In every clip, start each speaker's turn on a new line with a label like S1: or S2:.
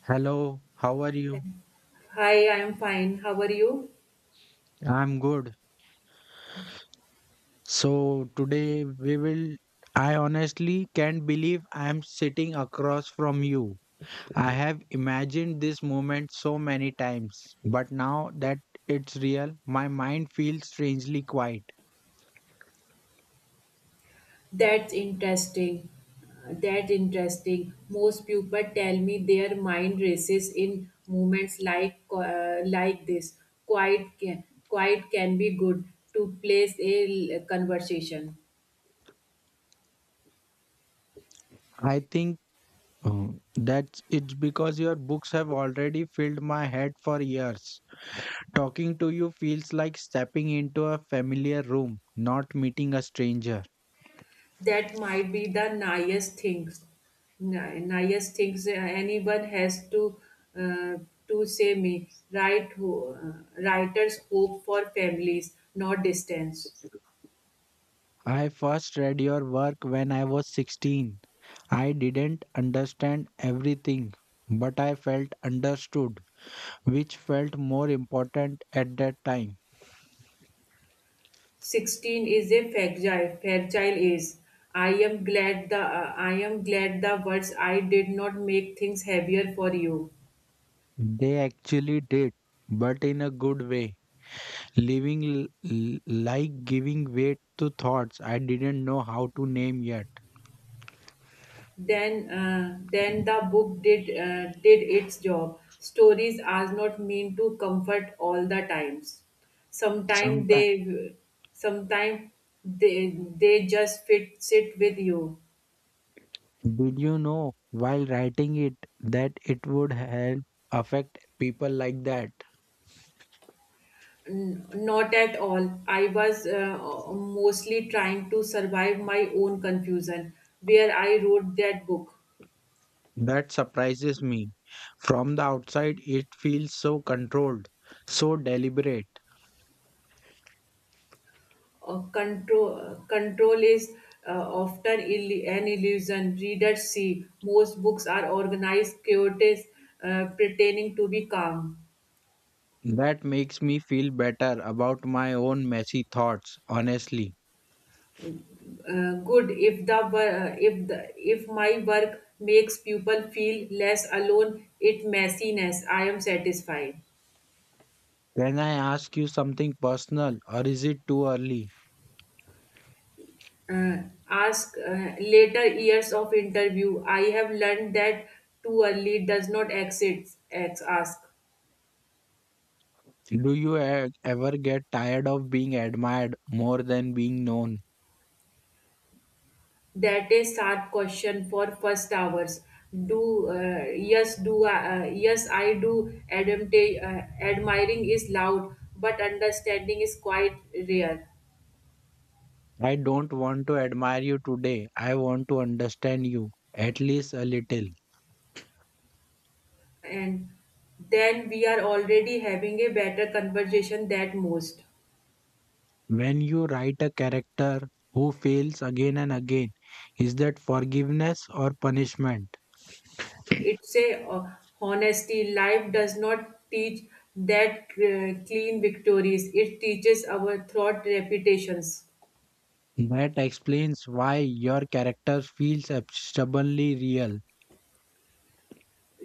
S1: Hello, how are you?
S2: Hi, I'm fine. How are you?
S1: I'm good. So today we will I honestly can't believe I am sitting across from you. I have imagined this moment so many times, but now that it's real, my mind feels strangely quiet.
S2: That's interesting. That's interesting. Most people tell me their mind races in moments like this. Quiet can be good to place a conversation.
S1: I think that's it's because your books have already filled my head for years. Talking to you feels like stepping into a familiar room, not meeting a stranger.
S2: That might be the nicest things, nicest things anyone has uh, to say me. Right, writers hope for families, not distance.
S1: I first read your work when I was 16. I didn't understand everything, but I felt understood, which felt more important at that time.
S2: 16 is a fragile age. I am glad the words, I did not make things heavier for you.
S1: They actually did, but in a good way, like giving weight to thoughts I didn't know how to name yet.
S2: Then the book did its job. Stories are not meant to comfort all the times. Sometimes
S1: Sometimes,
S2: they, sometimes they they just fit sit with you.
S1: did you know while writing it that it would help affect people like that?
S2: Not at all. I was mostly trying to survive my own confusion, where I wrote that book.
S1: That surprises me. From the outside, it feels so controlled, so deliberate.
S2: Control is uh, often an illusion. Readers see most books are organized, chaotic, pretending to be calm.
S1: That makes me feel better about my own messy thoughts, honestly.
S2: Good if the if the if my work makes people feel less alone. It messiness. I am satisfied.
S1: Can I ask you something personal or is it too early?
S2: uh, Ask, later years of interview, I have learned that too early does not ask.
S1: Do you ever get tired of being admired more than being known?
S2: That is hard question for first hours. Do uh, yes, do yes, I do admit, admiring is loud but understanding is quite rare.
S1: I don't want to admire you today. I want to understand you, at least a little.
S2: And then we are already having a better conversation than most.
S1: When you write a character who fails again and again, is that forgiveness or punishment?
S2: It's a honesty. Life does not teach that clean victories. It teaches our thought reputations.
S1: That explains why your character feels ab- stubbornly real.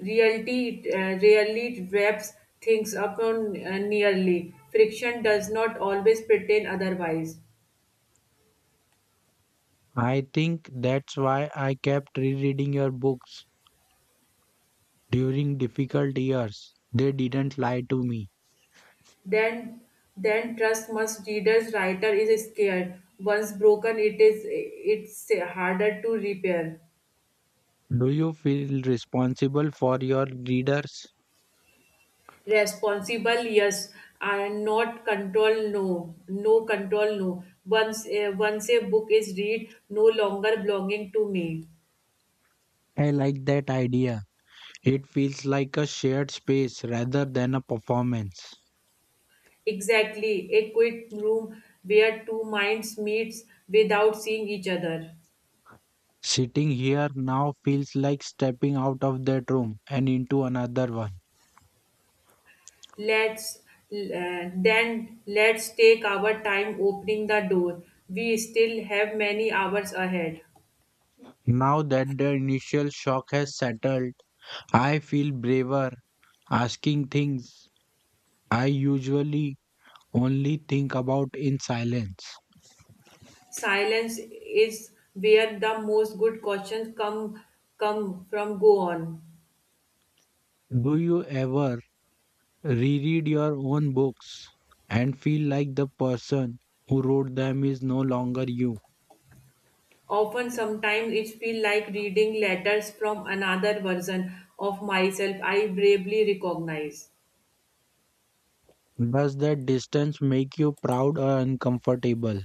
S2: Reality rarely wraps things up on nearly. Friction does not always pretend otherwise.
S1: I think that's why I kept rereading your books during difficult years. They didn't lie to me.
S2: Then, then trust must readers. Writer is scared. Once broken, it's harder to repair.
S1: Do you feel responsible for your readers?
S2: Responsible, yes, and not control, no, no control, no. Once a book is read, no longer belonging to me.
S1: I like that idea. It feels like a shared space rather than a performance.
S2: Exactly, a quiet room where two minds meets without seeing each other.
S1: Sitting here now feels like stepping out of that room and into another one.
S2: Let's, then let's take our time opening the door. We still have many hours ahead.
S1: Now that the initial shock has settled, I feel braver asking things I usually only think about in silence.
S2: Silence is where the most good questions come, come from. Go on.
S1: Do you ever reread your own books and feel like the person who wrote them is no longer you?
S2: Often, sometimes it feels like reading letters from another version of myself I bravely recognize.
S1: Does that distance make you proud or uncomfortable?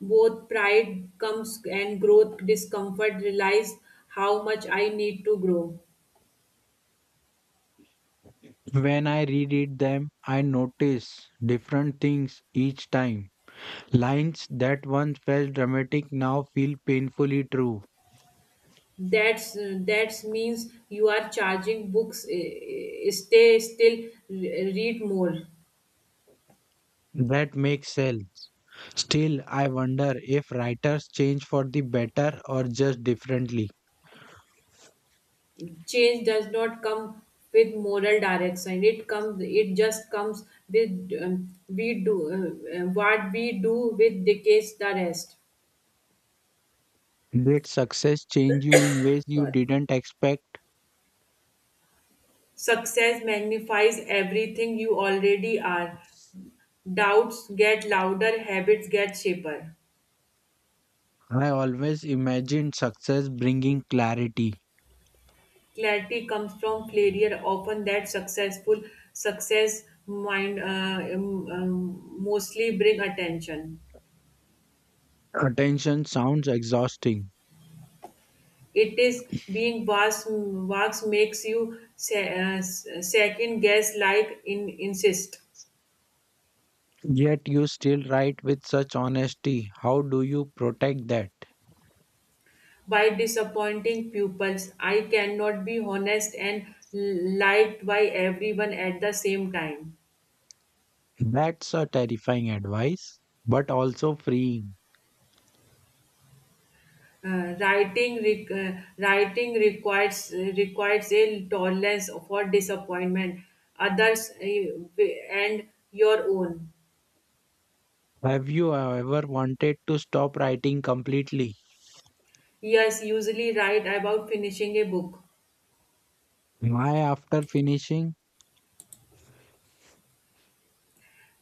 S2: Both pride comes and growth discomfort realize how much I need to grow.
S1: When I reread them, I notice different things each time. Lines that once felt dramatic now feel painfully true.
S2: That means you are charging books. Stay still, read more.
S1: That makes sense. Still, I wonder if writers change for the better or just differently.
S2: Change does not come with moral direction. It comes. It just comes with we do, what we do with decades the rest.
S1: Did success change you in ways you
S2: Got,
S1: didn't expect?
S2: success magnifies everything you already are. Doubts get louder, habits get shaper.
S1: I always imagined success bringing clarity.
S2: Clarity comes from failure, often that successful success mind, mostly bring attention.
S1: Attention sounds exhausting,
S2: It is being vast, vast makes you second guess like in, insist.
S1: yet you still write with such honesty. How do you protect that?
S2: By disappointing pupils. I cannot be honest and liked by everyone at the same time.
S1: That's a terrifying advice, but also freeing.
S2: Writing requires, requires a tolerance for disappointment others, and your own.
S1: Have you ever wanted to stop writing completely?
S2: Yes, usually write about finishing a book.
S1: My after finishing,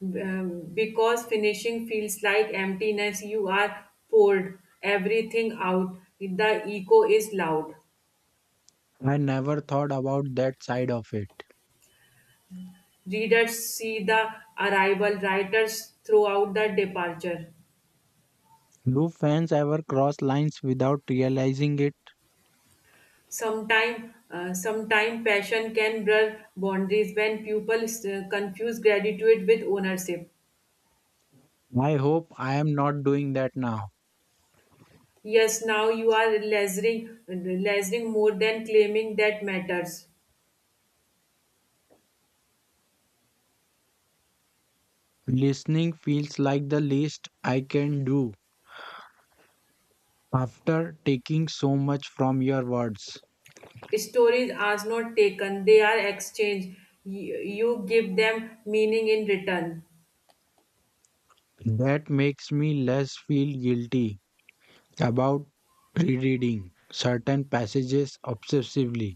S2: Because finishing feels like emptiness, you are poured everything out, the echo is loud.
S1: I never thought about that side of it.
S2: Readers see the arrival, writers throughout the departure.
S1: Do fans ever cross lines without realizing it?
S2: Sometime, sometime passion can blur boundaries when people confuse gratitude with ownership.
S1: I hope I am not doing that now.
S2: Yes, now you are lasering, lasering more than claiming that matters.
S1: Listening feels like the least I can do after taking so much from your words.
S2: Stories are not taken; they are exchanged. You give them meaning in return.
S1: That makes me less feel guilty about rereading certain passages obsessively.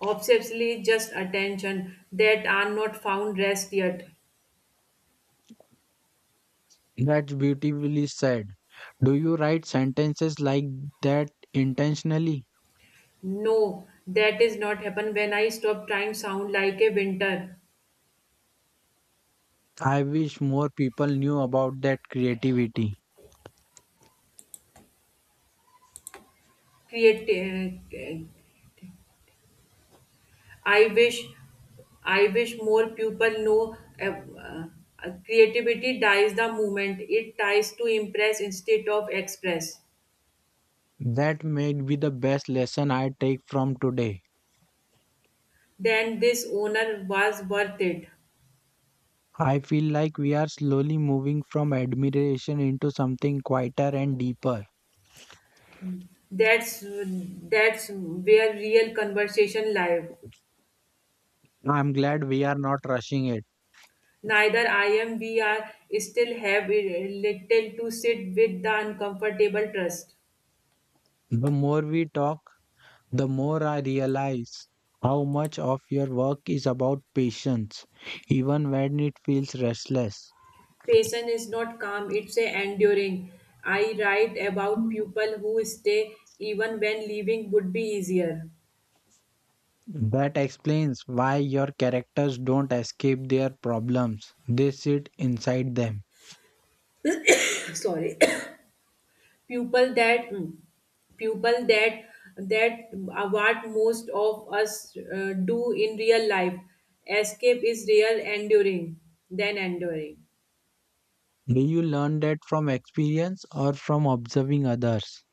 S2: Obsessively, just attention that are not found rest yet.
S1: That's beautifully said. Do you write sentences like that intentionally?
S2: No, that is not happen when I stop trying sound like a winter.
S1: I wish more people knew about that creativity.
S2: Create, I wish I wish more people know, creativity dies the moment it tries to impress instead of express.
S1: That may be the best lesson I take from today.
S2: Then this owner was worth it.
S1: I feel like we are slowly moving from admiration into something quieter and deeper.
S2: That's where real conversation live.
S1: I'm glad we are not rushing it.
S2: Neither I am, we are still have a little to sit with the uncomfortable trust.
S1: The more we talk, the more I realize how much of your work is about patience, even when it feels restless.
S2: Passion is not calm, it's a enduring. I write about people who stay even when leaving would be easier.
S1: That explains why your characters don't escape their problems, they sit inside them.
S2: Sorry. People that people that that are what most of us do in real life. Escape is real enduring than enduring.
S1: Do you learn that from experience or from observing others?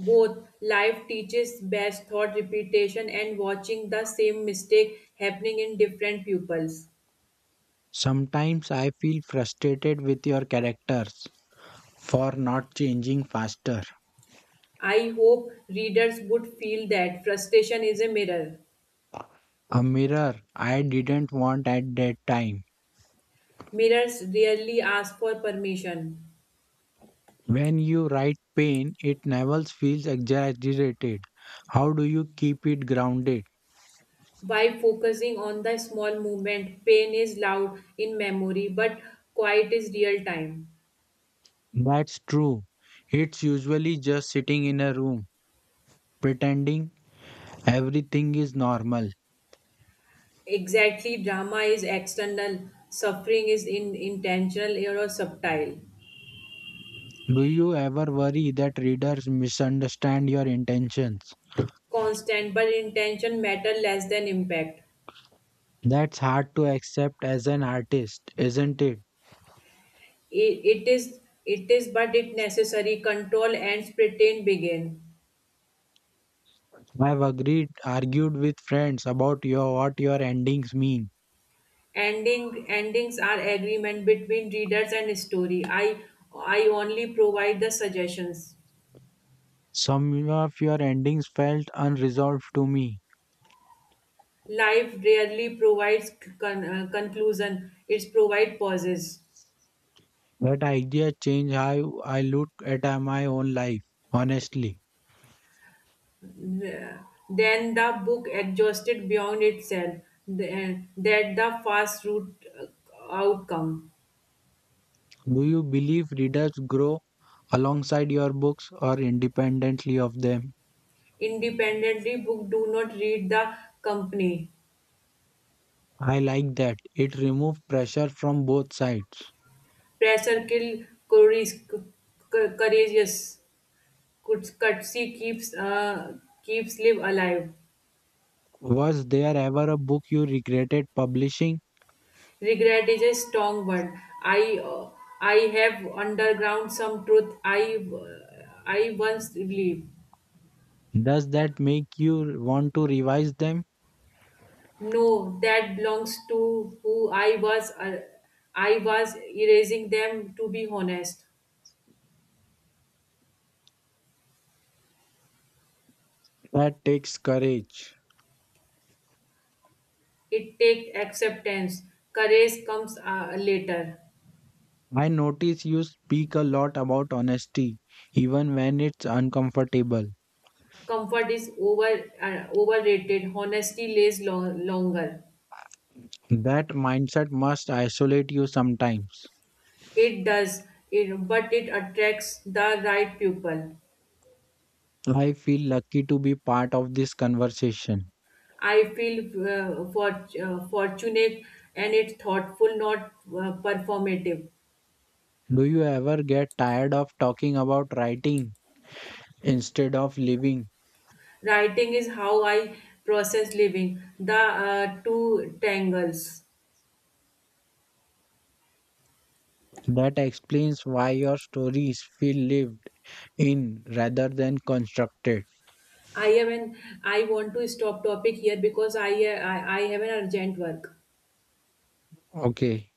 S2: Both life teaches best thought repetition and watching the same mistake happening in different pupils.
S1: Sometimes I feel frustrated with your characters for not changing faster.
S2: I hope readers would feel that frustration is a mirror.
S1: A mirror I didn't want at that time.
S2: Mirrors rarely ask for permission.
S1: When you write pain, it never feels exaggerated. How do you keep it grounded?
S2: By focusing on the small movement, pain is loud in memory, but quiet is real time.
S1: That's true. It's usually just sitting in a room, pretending everything is normal.
S2: Exactly, drama is external, suffering is in intentional or subtle,
S1: Do you ever worry that readers misunderstand your intentions?
S2: constant, but intention matter less than impact.
S1: That's hard to accept as an artist, isn't it?
S2: It is but it necessary control and pretend begin.
S1: I've agreed, argued with friends about your what your endings mean.
S2: Ending, endings are agreement between readers and story. I only provide the suggestions.
S1: Some of your endings felt unresolved to me.
S2: Life rarely provides conclusion. It provides pauses.
S1: That idea changed how I look at my own life, honestly.
S2: Then the book adjusted beyond itself. That the fast route, uh, outcome.
S1: Do you believe readers grow alongside your books or independently of them?
S2: Independently, book do not read the company.
S1: I like that. It removed pressure from both sides.
S2: Pressure kill courageous. Kutsy keeps, keeps live alive.
S1: Was there ever a book you regretted publishing?
S2: Regret is a strong word. I uh, I have underground some truth. I once believed.
S1: Does that make you want to revise them?
S2: No, that belongs to who I was. I was erasing them. To be honest,
S1: That takes courage.
S2: it takes acceptance. Courage comes, later.
S1: I notice you speak a lot about honesty, even when it's uncomfortable.
S2: Comfort is over, overrated. Honesty lays longer.
S1: That mindset must isolate you sometimes.
S2: It does, it, but it attracts the right people.
S1: I feel lucky to be part of this conversation.
S2: I feel fortunate and it's thoughtful, not performative.
S1: Do you ever get tired of talking about writing instead of living?
S2: Writing is how I process living. The two tangles.
S1: That explains why your stories feel lived in rather than constructed.
S2: I am an, I want to stop topic here because I, I have an urgent work.
S1: Okay.